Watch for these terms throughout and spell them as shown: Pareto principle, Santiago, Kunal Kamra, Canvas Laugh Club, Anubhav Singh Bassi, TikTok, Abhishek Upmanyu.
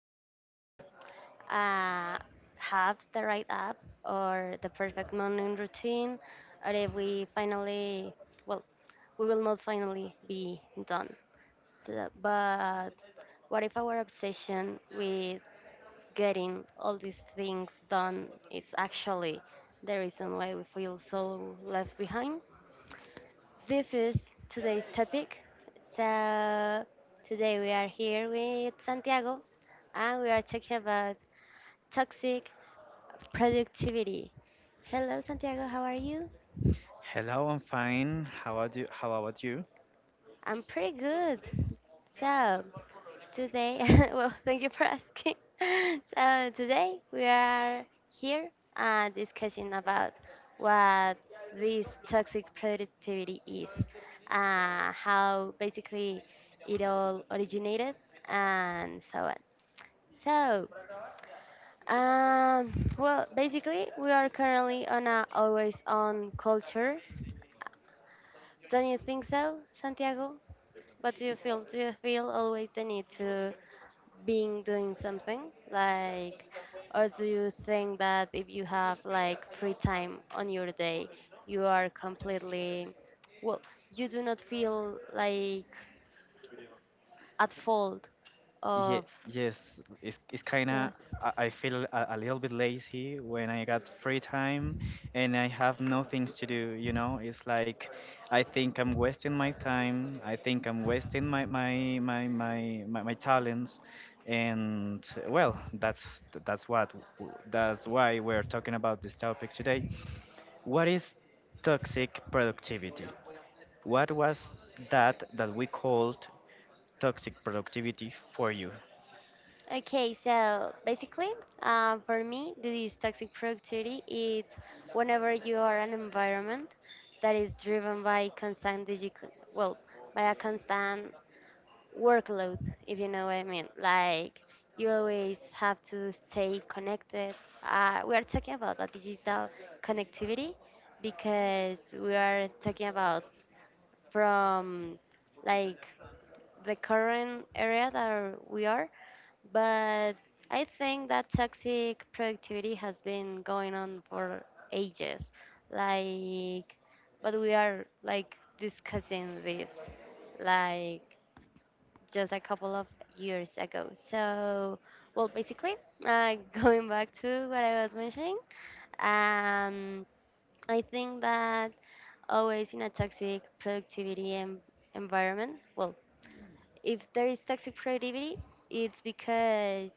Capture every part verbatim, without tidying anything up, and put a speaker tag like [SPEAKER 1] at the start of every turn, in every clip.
[SPEAKER 1] don't uh, have the right app or the perfect morning routine, or if we finally, well, we will not finally be done. So, but what if our obsession with getting all these things done is actually the reason why we feel so left behind? This is today's topic. So, today we are here with Santiago and we are talking about toxic productivity. Hello, Santiago, how are you?
[SPEAKER 2] Hello, I'm fine. How about you? How about you?
[SPEAKER 1] I'm pretty good. So, today, well, thank you for asking. So today we are here uh, discussing about what this toxic productivity is, uh, how basically it all originated, and so on. So, um, well, basically we are currently on a always on culture. Don't you think so, Santiago? What do you feel? Do you feel always the need to being doing something like or do you think that if you have like free time on your day you are completely well you do not feel like at fault
[SPEAKER 2] Yeah,
[SPEAKER 1] of
[SPEAKER 2] yes, it's, it's kind of,
[SPEAKER 1] yes.
[SPEAKER 2] I, I feel a, a little bit lazy when I got free time and I have no things to do, you know? It's like I think I'm wasting my time. I think I'm wasting my my my my my, my talents. And well, that's that's what that's why we're talking about this topic today. What is toxic productivity? What was that that we called toxic productivity for you?
[SPEAKER 1] Okay, so basically, uh, for me, this toxic productivity is whenever you are an environment that is driven by constant digi- well, by a constant workload, if you know what I mean. Like you always have to stay connected. Uh, we are talking about a digital connectivity because we are talking about from like the current area that we are, but I think that toxic productivity has been going on for ages. Like, but we are like discussing this, like just a couple of years ago. So, well, basically, uh, going back to what I was mentioning, um, I think that always in a toxic productivity em- environment, well, if there is toxic productivity, it's because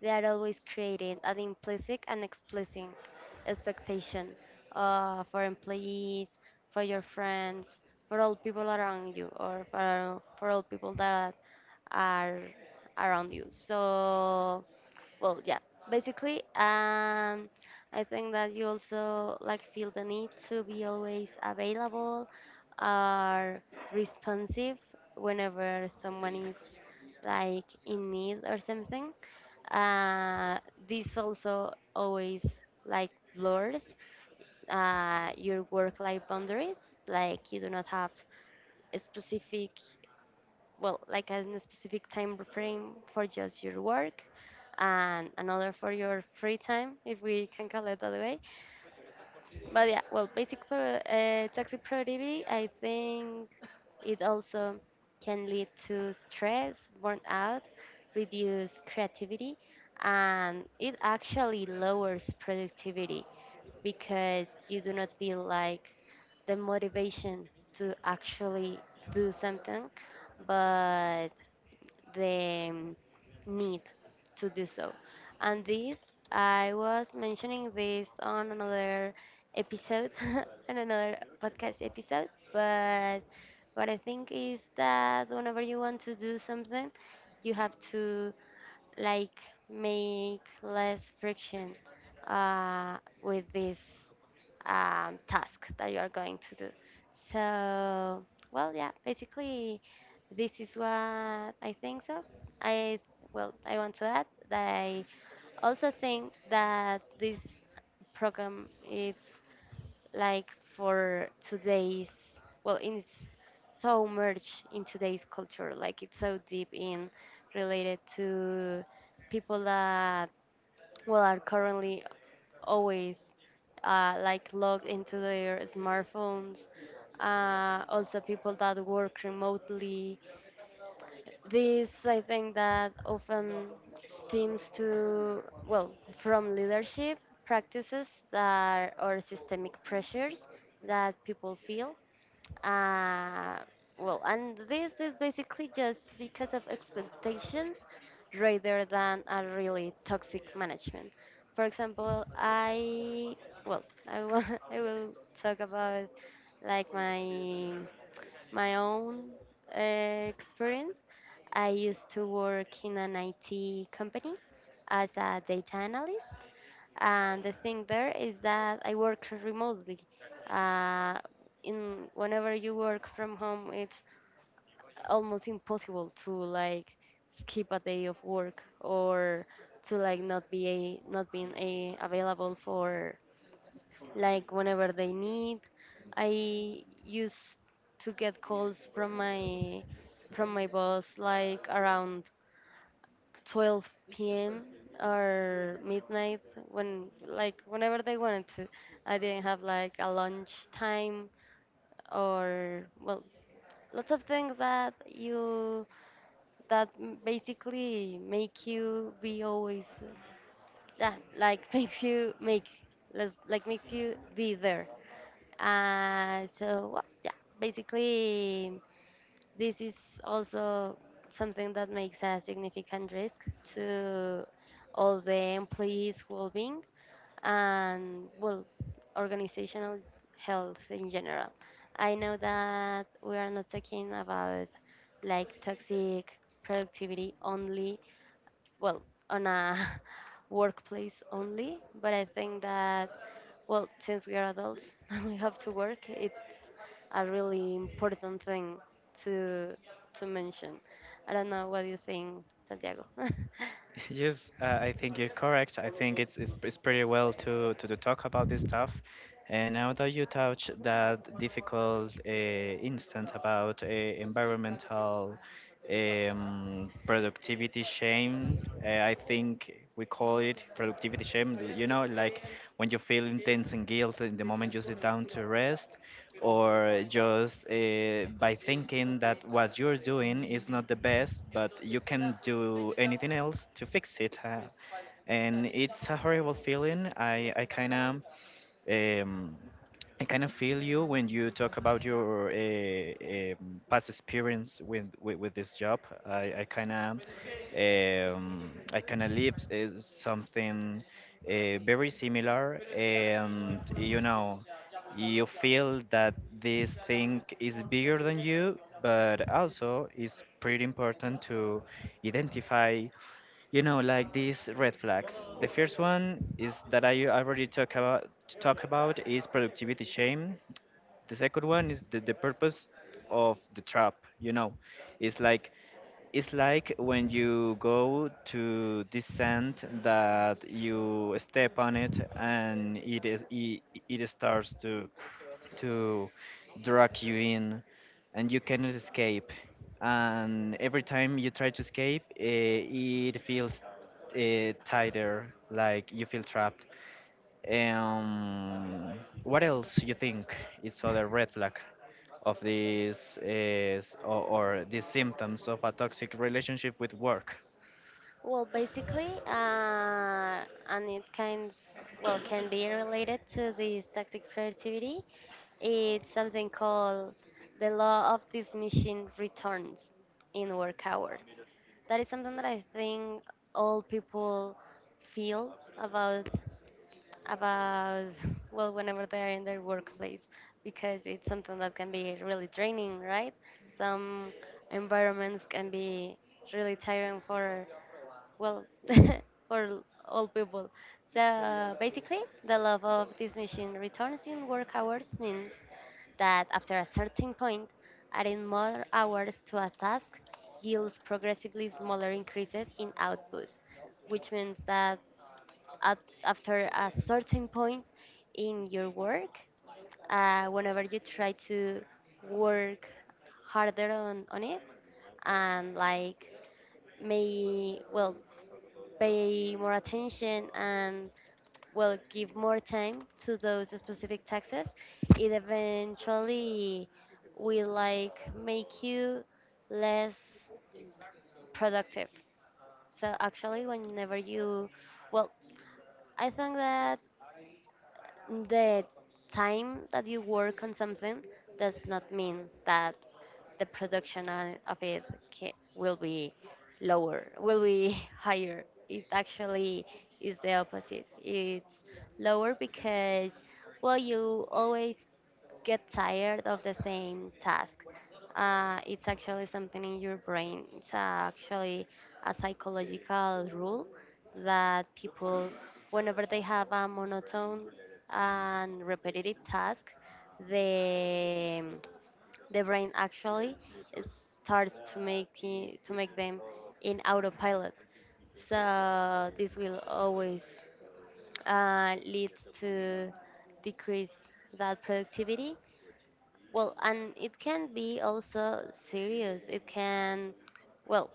[SPEAKER 1] they are always creating an implicit and explicit expectation uh, for employees, for your friends, for all people around you, or for, for all people that are around you. So, well, yeah, basically, um, I think that you also like feel the need to be always available or responsive whenever someone is like in need or something. Uh, this also always like blurs uh, your work-life boundaries. Like you do not have a specific well, like in a specific time frame for just your work and another for your free time, if we can call it that way. But yeah, well, basic pro- uh, toxic productivity, I think it also can lead to stress, burnout, reduced creativity, and it actually lowers productivity because you do not feel like the motivation to actually do something but the um, need to do so. And this, I was mentioning this on another episode, on another podcast episode, but what I think is that whenever you want to do something, you have to like make less friction uh, with this um, task that you are going to do. So, well, yeah, basically this is what I think so. I well, I want to add that I also think that this program is like for today's well, it's so merged in today's culture. Like it's so deep in related to people that well are currently always uh, like logged into their smartphones. Uh, also, people that work remotely this, I think, that often stems to, well, from leadership practices that or systemic pressures that people feel. Uh, well, and this is basically just because of expectations rather than a really toxic management. For example, I, well, I will, I will talk about like my my own uh, experience, I used to work in an I T company as a data analyst. And the thing there is that I work remotely. Uh, in whenever you work from home, it's almost impossible to like skip a day of work or to like not be a, not being a, available for like whenever they need. I used to get calls from my from my boss like around twelve p m or midnight when like whenever they wanted to. I didn't have like a lunch time or well lots of things that you that m- basically make you be always yeah, like makes you make let's like makes you be there. Uh, so, well, yeah, basically, this is also something that makes a significant risk to all the employees' well-being and, well, organizational health in general. I know that we are not talking about like toxic productivity only, well, on a workplace only, but I think that well, since we are adults and we have to work, it's a really important thing to to mention. I don't know what do you think, Santiago.
[SPEAKER 2] Yes, uh, I think you're correct. I think it's, it's it's pretty well to to, to talk about this stuff. And now that you touch that difficult uh, instance about uh, environmental um, productivity shame, uh, I think we call it productivity shame. You know, like when you feel intense and guilt in the moment you sit down to rest or just uh, by thinking that what you're doing is not the best, but you can do anything else to fix it. huh? And it's a horrible feeling. I, I kind of um, I kind of feel you when you talk about your uh, um, past experience with, with with this job. I I kind of um, I kind of lived uh, something uh, very similar, and you know, you feel that this thing is bigger than you, but also it's pretty important to identify, you know, like these red flags. The first one is that I already talk about talk about is productivity shame. The second one is the, the purpose of the trap, you know. It's like it's like when you go to this sand that you step on it and it is, it, it starts to to drag you in and you cannot escape. And every time you try to escape, uh, it feels uh, tighter, like you feel trapped. Um, what else you think is other red flag of these is, or, or these symptoms of a toxic relationship with work?
[SPEAKER 1] Well, basically, uh, and it kind well can be related to this toxic productivity. It's something called the law of diminishing returns in work hours. That is something that I think all people feel about about well whenever they are in their workplace because it's something that can be really draining, right? Some environments can be really tiring for well for all people so basically the love of this machine returns in work hours means that after a certain point adding more hours to a task yields progressively smaller increases in output which means that at, after a certain point in your work, uh, whenever you try to work harder on, on it and like may well pay more attention and well give more time to those specific taxes, it eventually will like make you less productive. So actually whenever you well I think that the time that you work on something does not mean that the production on- of it ca- will be lower, will be higher. It actually is the opposite. It's lower because, well, you always get tired of the same task. Uh, it's actually something in your brain. It's uh, actually a psychological rule that people, whenever they have a monotone and repetitive task, the the brain actually starts to make it, to make them in autopilot. So this will always uh, lead to decrease that productivity well, and it can be also serious. It can, well,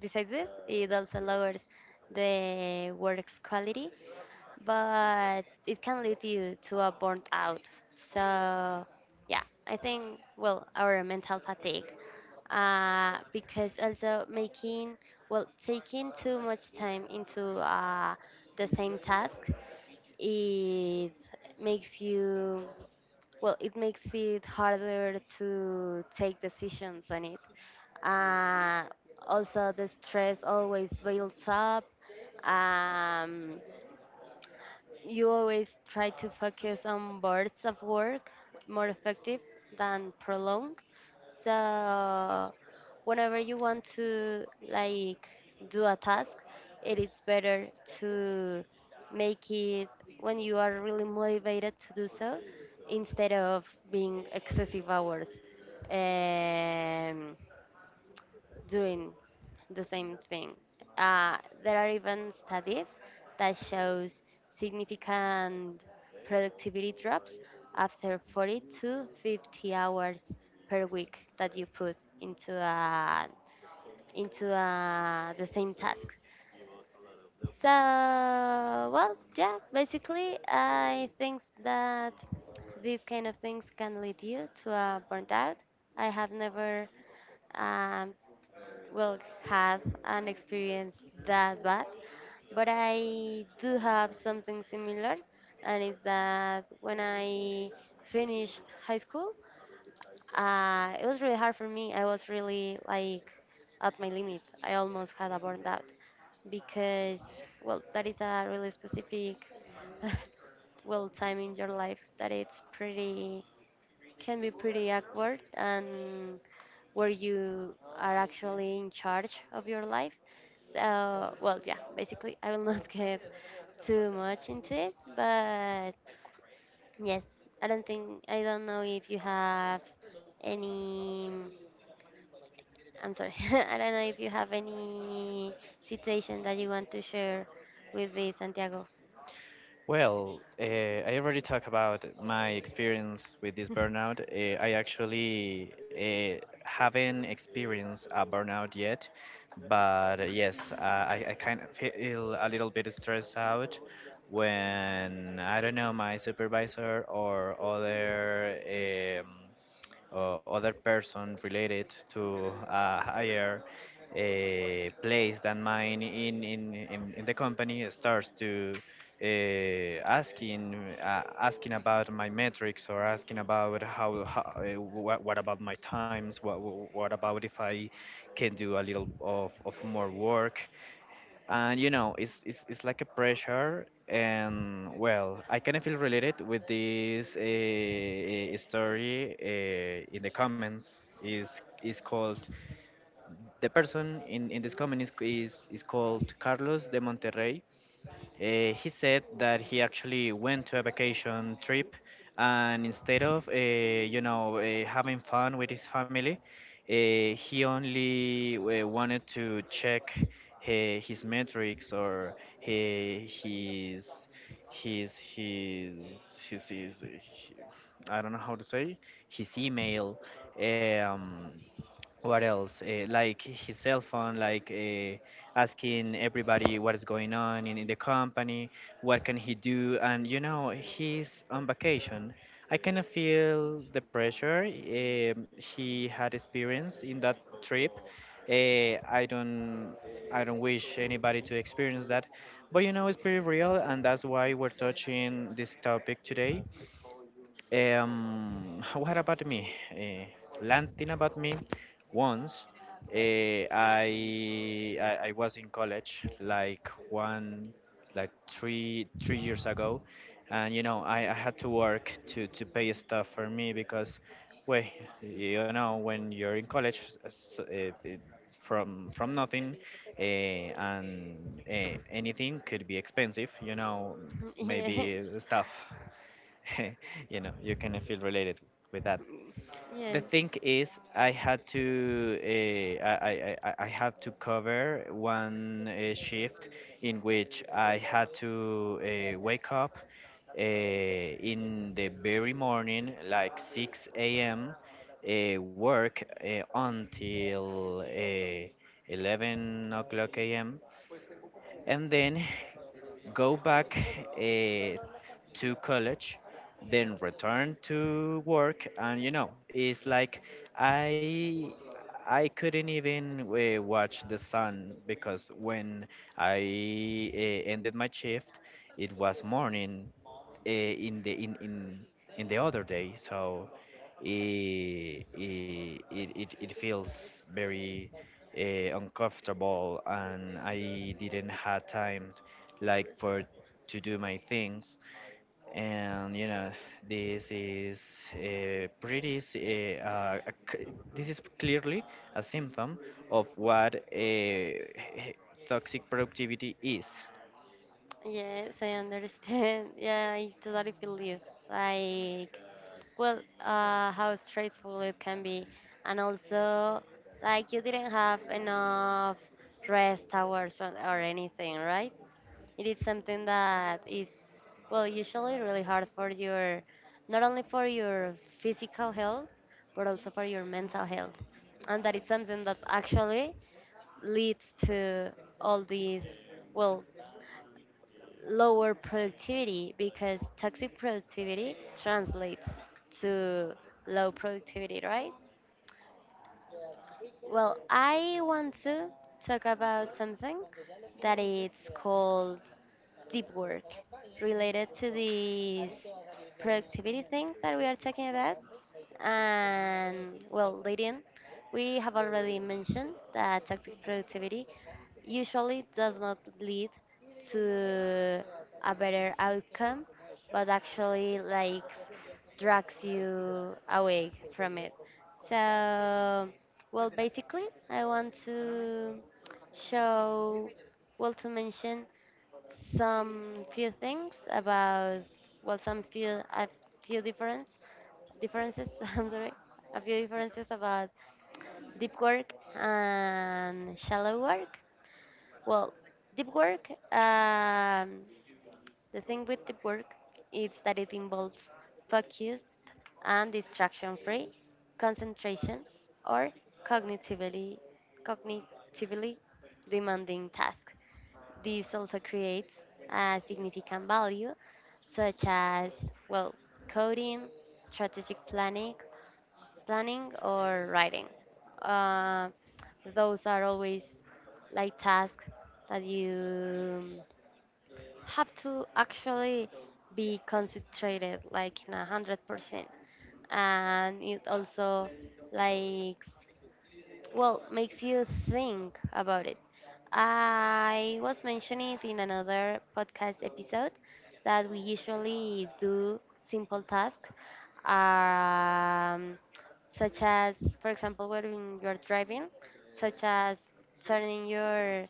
[SPEAKER 1] besides this, it also lowers the work's quality, but it can lead you to a burnt out. So, yeah, I think, well, our mental fatigue, uh, because also making, well, taking too much time into uh, the same task, it makes you well it makes it harder to take decisions on it uh, also the stress always builds up um, you always try to focus on birds of work more effective than prolong. So whenever you want to like do a task, it is better to make it when you are really motivated to do so instead of being excessive hours. Um, Doing the same thing. Uh, there are even studies that shows significant productivity drops after forty to fifty hours per week that you put into a, into a, the same task. So, well, yeah, basically, I think that these kind of things can lead you to a burnout. I have never um, well have an experience that bad but I do have something similar and it's that when I finished high school uh, it was really hard for me, I was really like at my limit, I almost had a burnout because well that is a really specific well time in your life that it's pretty can be pretty awkward and where you are actually in charge of your life. So, well, yeah, basically, I will not get too much into it, but yes, I don't think, I don't know if you have any, I'm sorry, I don't know if you have any situation that you want to share with the Santiago.
[SPEAKER 2] Well, uh, I already talked about my experience with this burnout. Uh, I actually uh, haven't experienced a burnout yet, but uh, yes, uh, I, I kind of feel a little bit stressed out when, I don't know, my supervisor or other. Um, or other person related to a higher uh, place than mine in, in, in, in the company starts to uh, asking uh, asking about my metrics or asking about how, how uh, what, what about my times, what, what about if I can do a little of, of more work. And you know it's, it's it's like a pressure, and well I kind of feel related with this uh, story uh, in the comments is is called. The person in in this comment is is, is called Carlos de Monterrey. uh, he said that he actually went to a vacation trip and instead of, uh, you know, uh, having fun with his family, uh, he only uh, wanted to check uh, his metrics or uh, his, his, his, his, his, he- I don't know how to say, his email. Um, what else? Uh, like his cell phone, like uh, asking everybody what is going on in, in the company, what can he do, and you know he's on vacation. I kind of feel the pressure um, he had experienced in that trip. Uh, I don't, I don't wish anybody to experience that, but you know it's pretty real, and that's why we're touching this topic today. Um, what about me? Uh, landing about me. Once, uh, I, I I was in college like one, like three three years ago, and you know I, I had to work to to pay stuff for me because, well, you know when you're in college, s- uh, it- from from nothing, uh, and uh, anything could be expensive. You know,
[SPEAKER 1] Yes,
[SPEAKER 2] maybe stuff. you know, you can feel related with that. The
[SPEAKER 1] yes,
[SPEAKER 2] thing is, I had to uh, I, I, I I had to cover one uh, shift in which I had to uh, wake up uh, in the very morning, like six a m, uh, work uh, until uh, eleven o'clock a.m and then go back uh, to college, then return to work, and you know, it's like I I couldn't even uh, watch the sun because when I uh, ended my shift, it was morning uh, in the in in in the other day, so it it it, it feels very uh, uncomfortable and I didn't have time like for to do my things and you know this is uh, pretty s- eh, uh, a c- this is clearly a symptom of what uh, toxic productivity is.
[SPEAKER 1] yes, I understand. Yeah, I totally feel you. Like, well uh, how stressful it can be and also like you didn't have enough rest hours or, or anything, right? It is something that is well usually really hard for your not only for your physical health but also for your mental health and that is something that actually leads to all these well lower productivity because toxic productivity translates to low productivity, right? Well, I want to talk about something that it's called deep work related to these productivity thing that we are talking about. And well, Lydian, we have already mentioned that toxic productivity usually does not lead to a better outcome, but actually like drags you away from it. So, well, basically, I want to show, well, to mention some few things about well some few a few difference differences I'm sorry a few differences about deep work and shallow work well deep work um, the thing with deep work is that it involves focused and distraction free concentration or cognitively cognitively demanding task this also creates a significant value, such as, well, coding, strategic planning, planning or writing. Uh, those are always like tasks that you have to actually be concentrated like in a hundred percent, and it also, like, well, makes you think about it. I was mentioning it in another podcast episode that we usually do simple tasks, um, such as, for example, when you're driving, such as turning your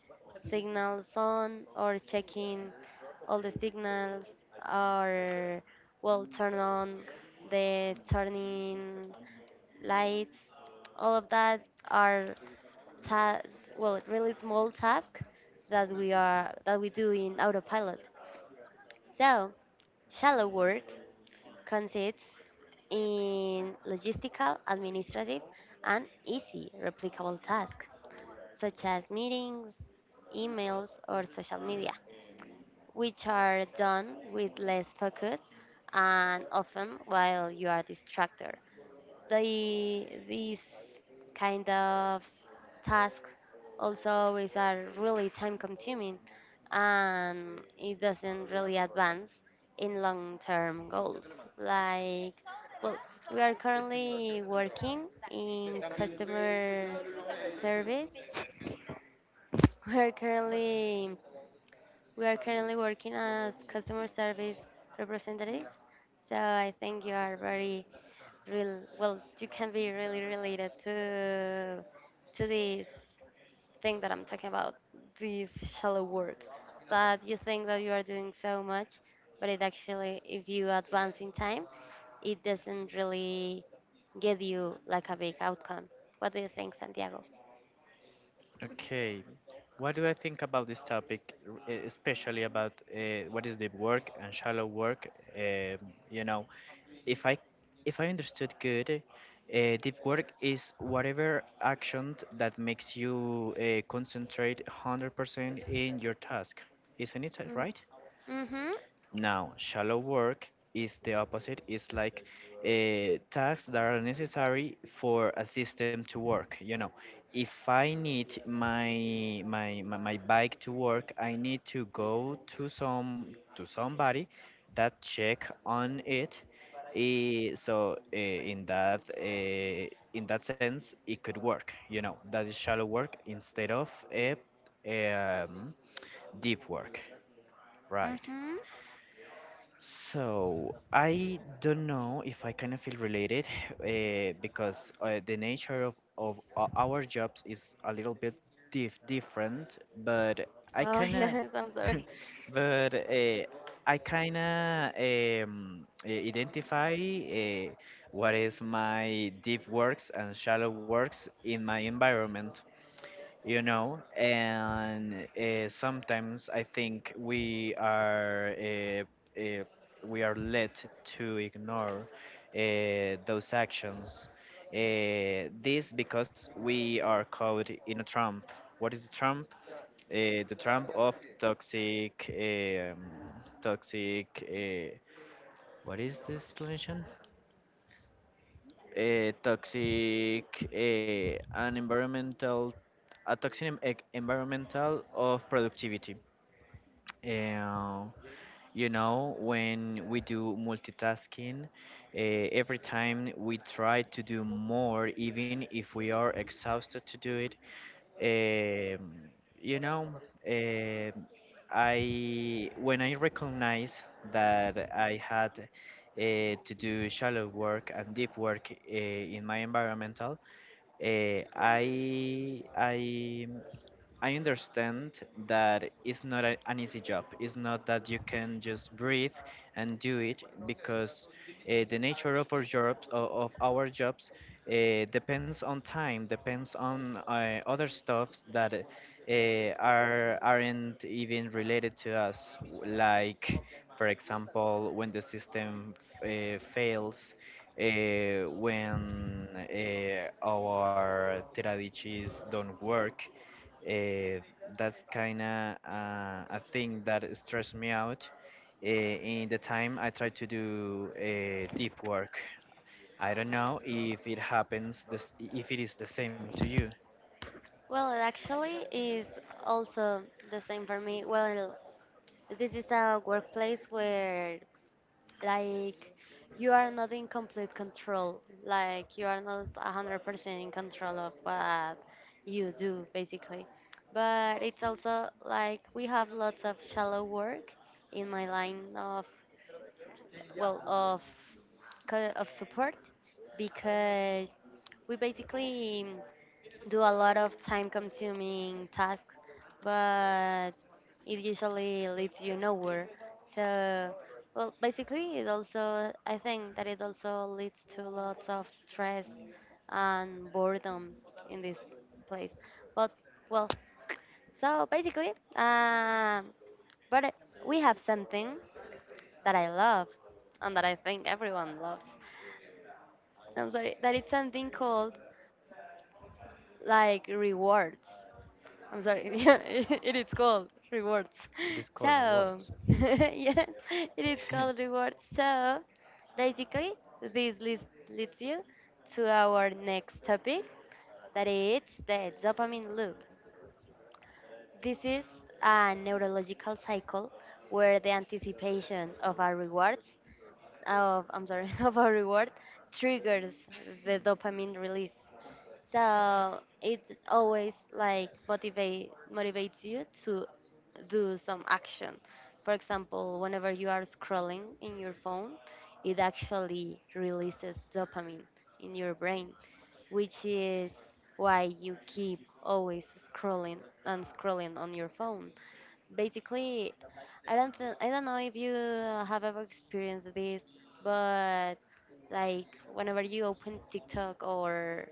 [SPEAKER 1] signals on or checking all the signals, or, well, turn on the turning lights. All of that are ta- well, really small task that we are that we do in autopilot. So, shallow work consists in logistical, administrative, and easy replicable tasks such as meetings, emails, or social media, which are done with less focus and often while you are distracted. the these kind of task also is are really time consuming, and it doesn't really advance in long term goals, like, well, we are currently working in customer service we are currently we are currently working as customer service representatives. So I think you are very real well, you can be really related to to this thing that I'm talking about, this shallow work, that you think that you are doing so much, but it actually, if you advance in time, it doesn't really give you like a big outcome. What do you think, Santiago?
[SPEAKER 2] Okay. What do I think about this topic, r- e- especially about uh, what is deep work and shallow work? Um, you know, if I if I understood good, uh, deep work is whatever action that makes you uh, concentrate one hundred percent in your task. Isn't it
[SPEAKER 1] mm,
[SPEAKER 2] right?
[SPEAKER 1] mm-hmm.
[SPEAKER 2] Now, shallow work is the opposite. It's like uh, tasks that are necessary for a system to work. You know, if I need my, my my my bike to work, I need to go to some to somebody that check on it. Eh, so uh, in that uh, in that sense, it could work. You know, that is shallow work instead of a um, deep work, right?
[SPEAKER 1] Mm-hmm.
[SPEAKER 2] So I don't know if I kind of feel related uh, because uh, the nature of, of o- our jobs is a little bit dif different, but I
[SPEAKER 1] Oh,
[SPEAKER 2] kind of,
[SPEAKER 1] yes, I'm sorry.
[SPEAKER 2] but uh, I kind of um, I- identify uh, what is my deep works and shallow works in my environment. you know and uh, sometimes I think we are uh, uh, we are led to ignore uh, those actions, uh, this because we are caught in a trump. What is a trump? Uh, the trump of toxic, um, toxic, uh, what is the explanation? Uh, toxic, uh, an environmental, a toxic em- ec- environmental of productivity. And you know, when we do multitasking, uh, every time we try to do more, even if we are exhausted to do it. Um, you know, um I when I recognize that I had uh, to do shallow work and deep work uh, in my environmental, uh, I I I understand that it's not a, an easy job. It's not that you can just breathe and do it because uh, the nature of our jobs, o- of our jobs, uh, depends on time, depends on uh, other stuffs that uh, are aren't even related to us. w- Like, for example, when the system uh, fails, uh, when uh, our traditions don't work. uh, that's kind of uh, a thing that stressed me out uh, in the time I try to do uh, deep work. I don't know if it happens, this, if it is the same to you.
[SPEAKER 1] Well, it actually is also the same for me. Well, this is a workplace where, like, you are not in complete control, like you are not one hundred percent in control of what you do, basically. But it's also like we have lots of shallow work in my line of, well, of co- of support, because we basically mm, do a lot of time consuming tasks, but it usually leads you nowhere. So, well, basically it also, I think that it also leads to lots of stress and boredom in this place. But, well, so basically, um but we have something that I love and that I think everyone loves. I'm sorry, that it's something called like rewards. I'm sorry, yeah, it is called rewards.
[SPEAKER 2] It is called
[SPEAKER 1] So,
[SPEAKER 2] words.
[SPEAKER 1] yes, it is called rewards. So, basically, this leads, leads you to our next topic, that is the dopamine loop. This is a neurological cycle where the anticipation of our rewards, of, I'm sorry, of our reward triggers the dopamine release, so it always like motivate motivates you to do some action. For example, whenever you are scrolling in your phone, it actually releases dopamine in your brain, which is why you keep always scrolling and scrolling on your phone. Basically, I don't th- I don't know if you have ever experienced this, but, like, whenever you open TikTok, or,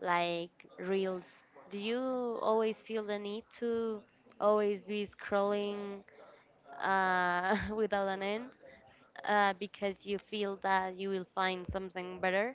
[SPEAKER 1] like, reels? Do you always feel the need to always be scrolling, uh, without an end, uh, because you feel that you will find something better,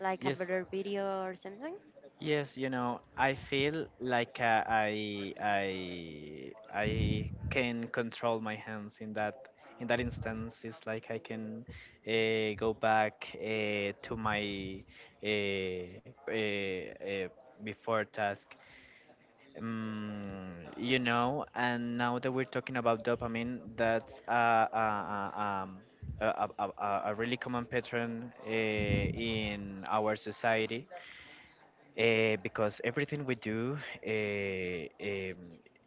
[SPEAKER 1] like a
[SPEAKER 2] Yes,
[SPEAKER 1] better video or something?
[SPEAKER 2] yes, you know, I feel like uh, I I I can control my hands in that in that instance. It's like I can uh, go back uh, to my uh, uh, uh, before task. Um, you know, and now that we're talking about dopamine, that's uh, uh, uh, um, a, a, a, a a really common pattern uh, in our society uh, because everything we do uh, um,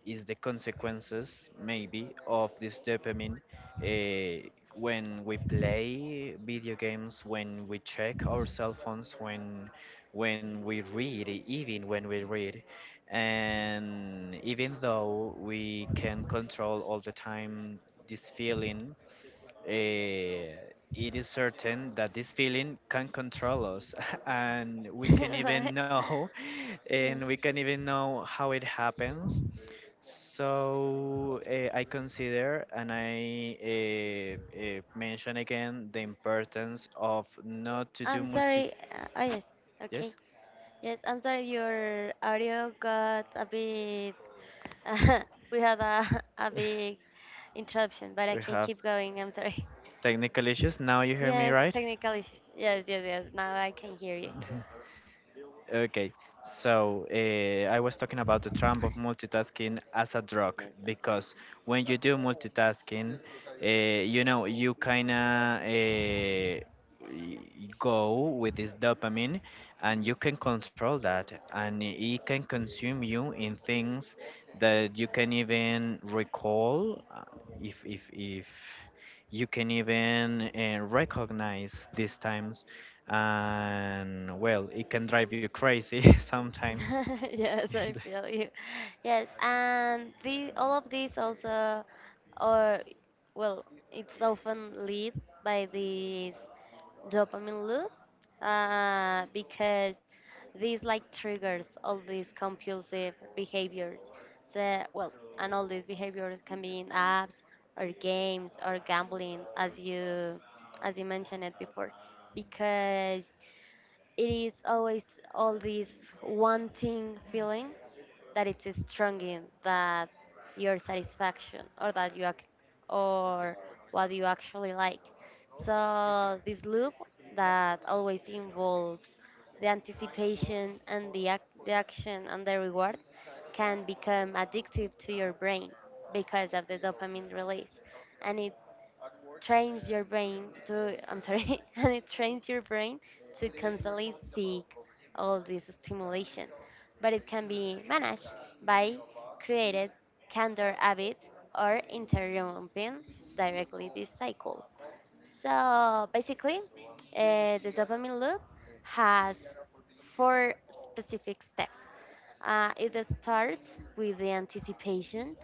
[SPEAKER 2] is the consequences, maybe, of this dopamine uh, when we play video games, when we check our cell phones, when when we read, even when we read. And even though we can control all the time this feeling, eh, it is certain that this feeling can control us and we can even
[SPEAKER 1] Right?
[SPEAKER 2] know
[SPEAKER 1] Yeah.
[SPEAKER 2] and we can even know how it happens. So uh, I consider and I uh, uh, mention again the importance of not to do
[SPEAKER 1] I'm
[SPEAKER 2] multi.
[SPEAKER 1] sorry. Uh, oh, yes. Okay.
[SPEAKER 2] Yes,
[SPEAKER 1] Yes, I'm sorry your audio got a bit. We had a, a big interruption, but
[SPEAKER 2] we
[SPEAKER 1] okay,
[SPEAKER 2] have
[SPEAKER 1] keep going. I'm sorry.
[SPEAKER 2] technical issues. Now you hear me
[SPEAKER 1] Yes,
[SPEAKER 2] right?
[SPEAKER 1] technically. Yes, yes, yes. Now I can hear you.
[SPEAKER 2] Okay, so uh, I was talking about the trump of multitasking as a drug
[SPEAKER 1] Yes, I'm sorry.
[SPEAKER 2] because when you do multitasking, uh, you know, you kind of uh, go with this dopamine and you can control that and it can consume you in things that you can even recall uh, if, if, if you can even uh, recognize these times and well it can drive you crazy sometimes.
[SPEAKER 1] Yes, I feel you. Yes, and the all of these also, or, well, it's often lead by this dopamine loop, uh, because this, like, triggers all these compulsive behaviors. So, well, and all these behaviors can be in apps or games or gambling, as you as you mentioned it before, because it is always all this wanting feeling that it's strong in that your satisfaction or that you ac- or what you actually like. So this loop that always involves the anticipation and the, ac- the action and the reward can become addictive to your brain because of the dopamine release, and it trains your brain to, I'm sorry, and it trains your brain to constantly seek all this stimulation. But it can be managed by created candor habits or interrupting directly this cycle. So basically, uh, the dopamine loop has four specific steps. Uh, it starts with the anticipation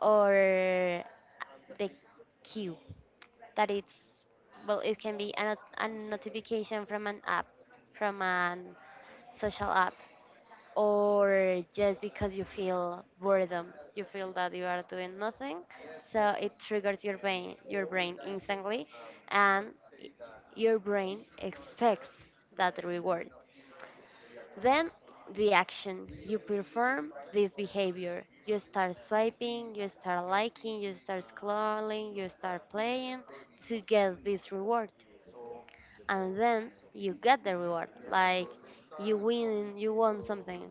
[SPEAKER 1] or the cue, that it's, well, it can be a, not- a notification from an app, from an social app, or just because you feel boredom, you feel that you are doing nothing, so it triggers your brain, your brain instantly, and y- your brain expects that reward. Then the action. You perform this behavior. You start swiping, you start liking, you start scrolling, you start playing to get this reward, and then you get the reward, like, you win, you won something,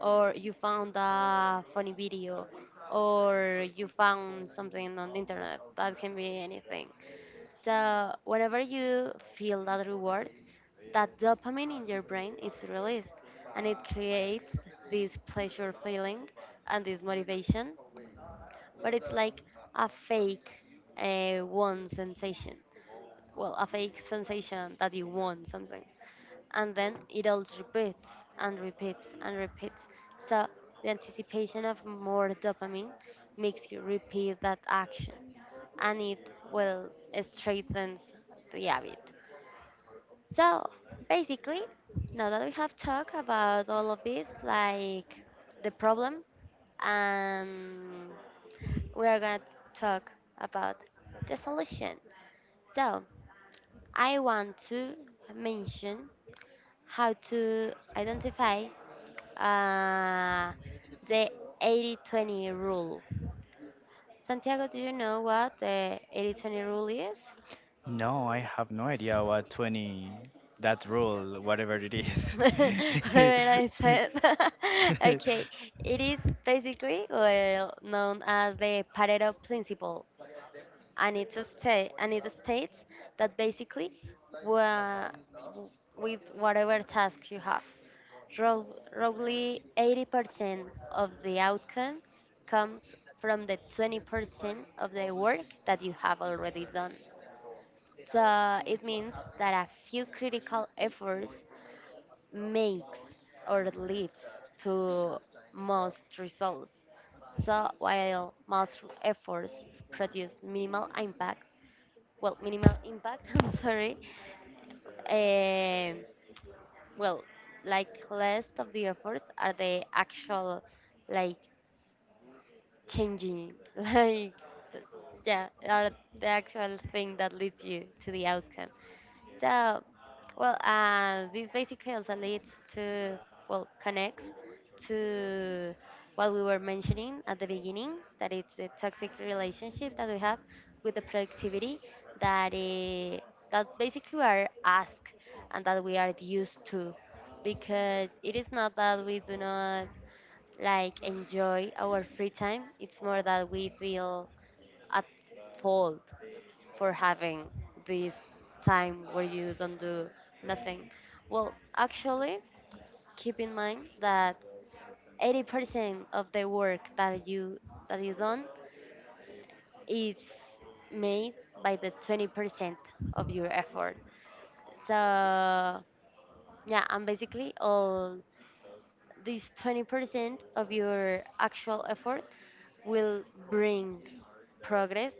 [SPEAKER 1] or you found a funny video, or you found something on the internet that can be anything. So whenever you feel that reward, that dopamine in your brain is released, and it creates this pleasure feeling and this motivation. But it's like a fake uh, one sensation, well, a fake sensation that you want something. And then it all repeats and repeats and repeats. So the anticipation of more dopamine makes you repeat that action, and it will strengthens the habit. So, basically, now that we have talked about all of this, like the problem, and we are going to talk about the solution. So I want to mention how to identify uh, the eighty twenty rule. Santiago, do you know what the eighty twenty rule is?
[SPEAKER 2] No, I have no idea what twenty, that rule, whatever it is.
[SPEAKER 1] Whatever I said. Okay, it is basically well known as the Pareto principle. and it's a state and it states that basically, wha- w- with whatever task you have, rou- roughly eighty percent of the outcome comes from the twenty percent of the work that you have already done. So it means that a few critical efforts makes or leads to most results. So while most efforts produce minimal impact, well, minimal impact, I'm sorry, um, well, like, less of the efforts are the actual, like, changing like th- yeah, are the actual thing that leads you to the outcome. So, well, uh, this basically also leads to, well, connects to what we were mentioning at the beginning, that it's a toxic relationship that we have with the productivity, that eh, that basically we are asked and that we are used to, because it is not that we do not like enjoy our free time. It's more that we feel at fault for having this time where you don't do nothing. Well, actually, keep in mind that eighty percent of the work that you that you done is made by the twenty percent of your effort. So yeah, and basically all this twenty percent of your actual effort will bring progress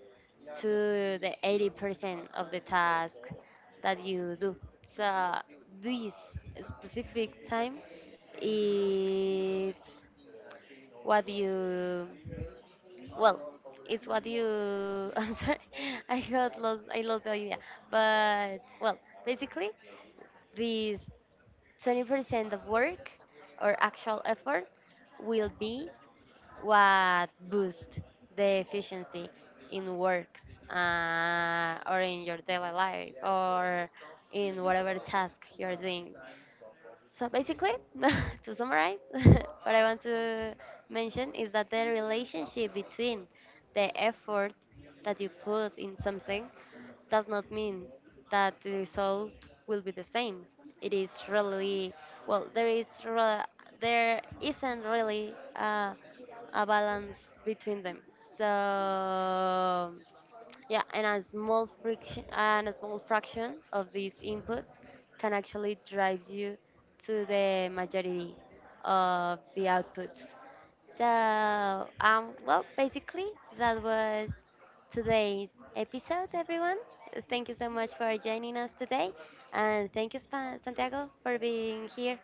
[SPEAKER 1] to the eighty percent of the task that you do. So this specific time is what you, well, it's what you I'm sorry, i got lost I lost the idea, but, well, basically, this twenty percent of work or actual effort will be what boosts the efficiency in works, uh, or in your daily life, or in whatever task you're doing. So basically, to summarize, what I want to mention is that the relationship between the effort that you put in something does not mean that the result will be the same. It is really, well, There is re- there isn't really uh, a balance between them. So yeah, and a small friction and a small fraction of these inputs can actually drive you to the majority of the outputs. So, um, well, basically that was today's episode, everyone. Thank you so much for joining us today, and thank you, Spa- Santiago, for being here.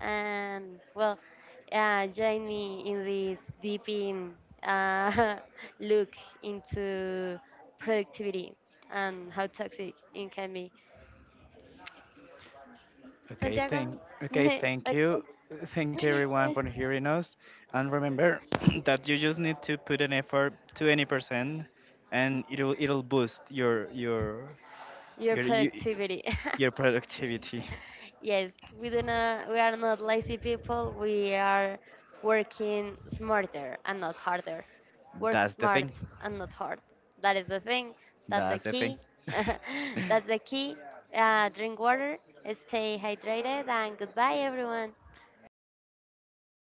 [SPEAKER 1] And, well, uh, join me in this deep in uh, look into productivity and how toxic it can be.
[SPEAKER 2] okay,
[SPEAKER 1] Santiago,
[SPEAKER 2] thank, okay, thank
[SPEAKER 1] okay.
[SPEAKER 2] you. Thank you everyone for hearing us. And remember that you just need to put an effort to any percent and it'll it'll boost your your
[SPEAKER 1] Your
[SPEAKER 2] your you,
[SPEAKER 1] productivity.
[SPEAKER 2] your productivity.
[SPEAKER 1] Yes, we do not. We are not lazy people. We are working smarter and not harder. Work
[SPEAKER 2] That's the
[SPEAKER 1] smart
[SPEAKER 2] thing.
[SPEAKER 1] and not hard. That is the thing. That's the
[SPEAKER 2] That's the thing.
[SPEAKER 1] key. That's the key. Uh, drink water, stay hydrated, and goodbye, everyone.
[SPEAKER 2] Goodbye,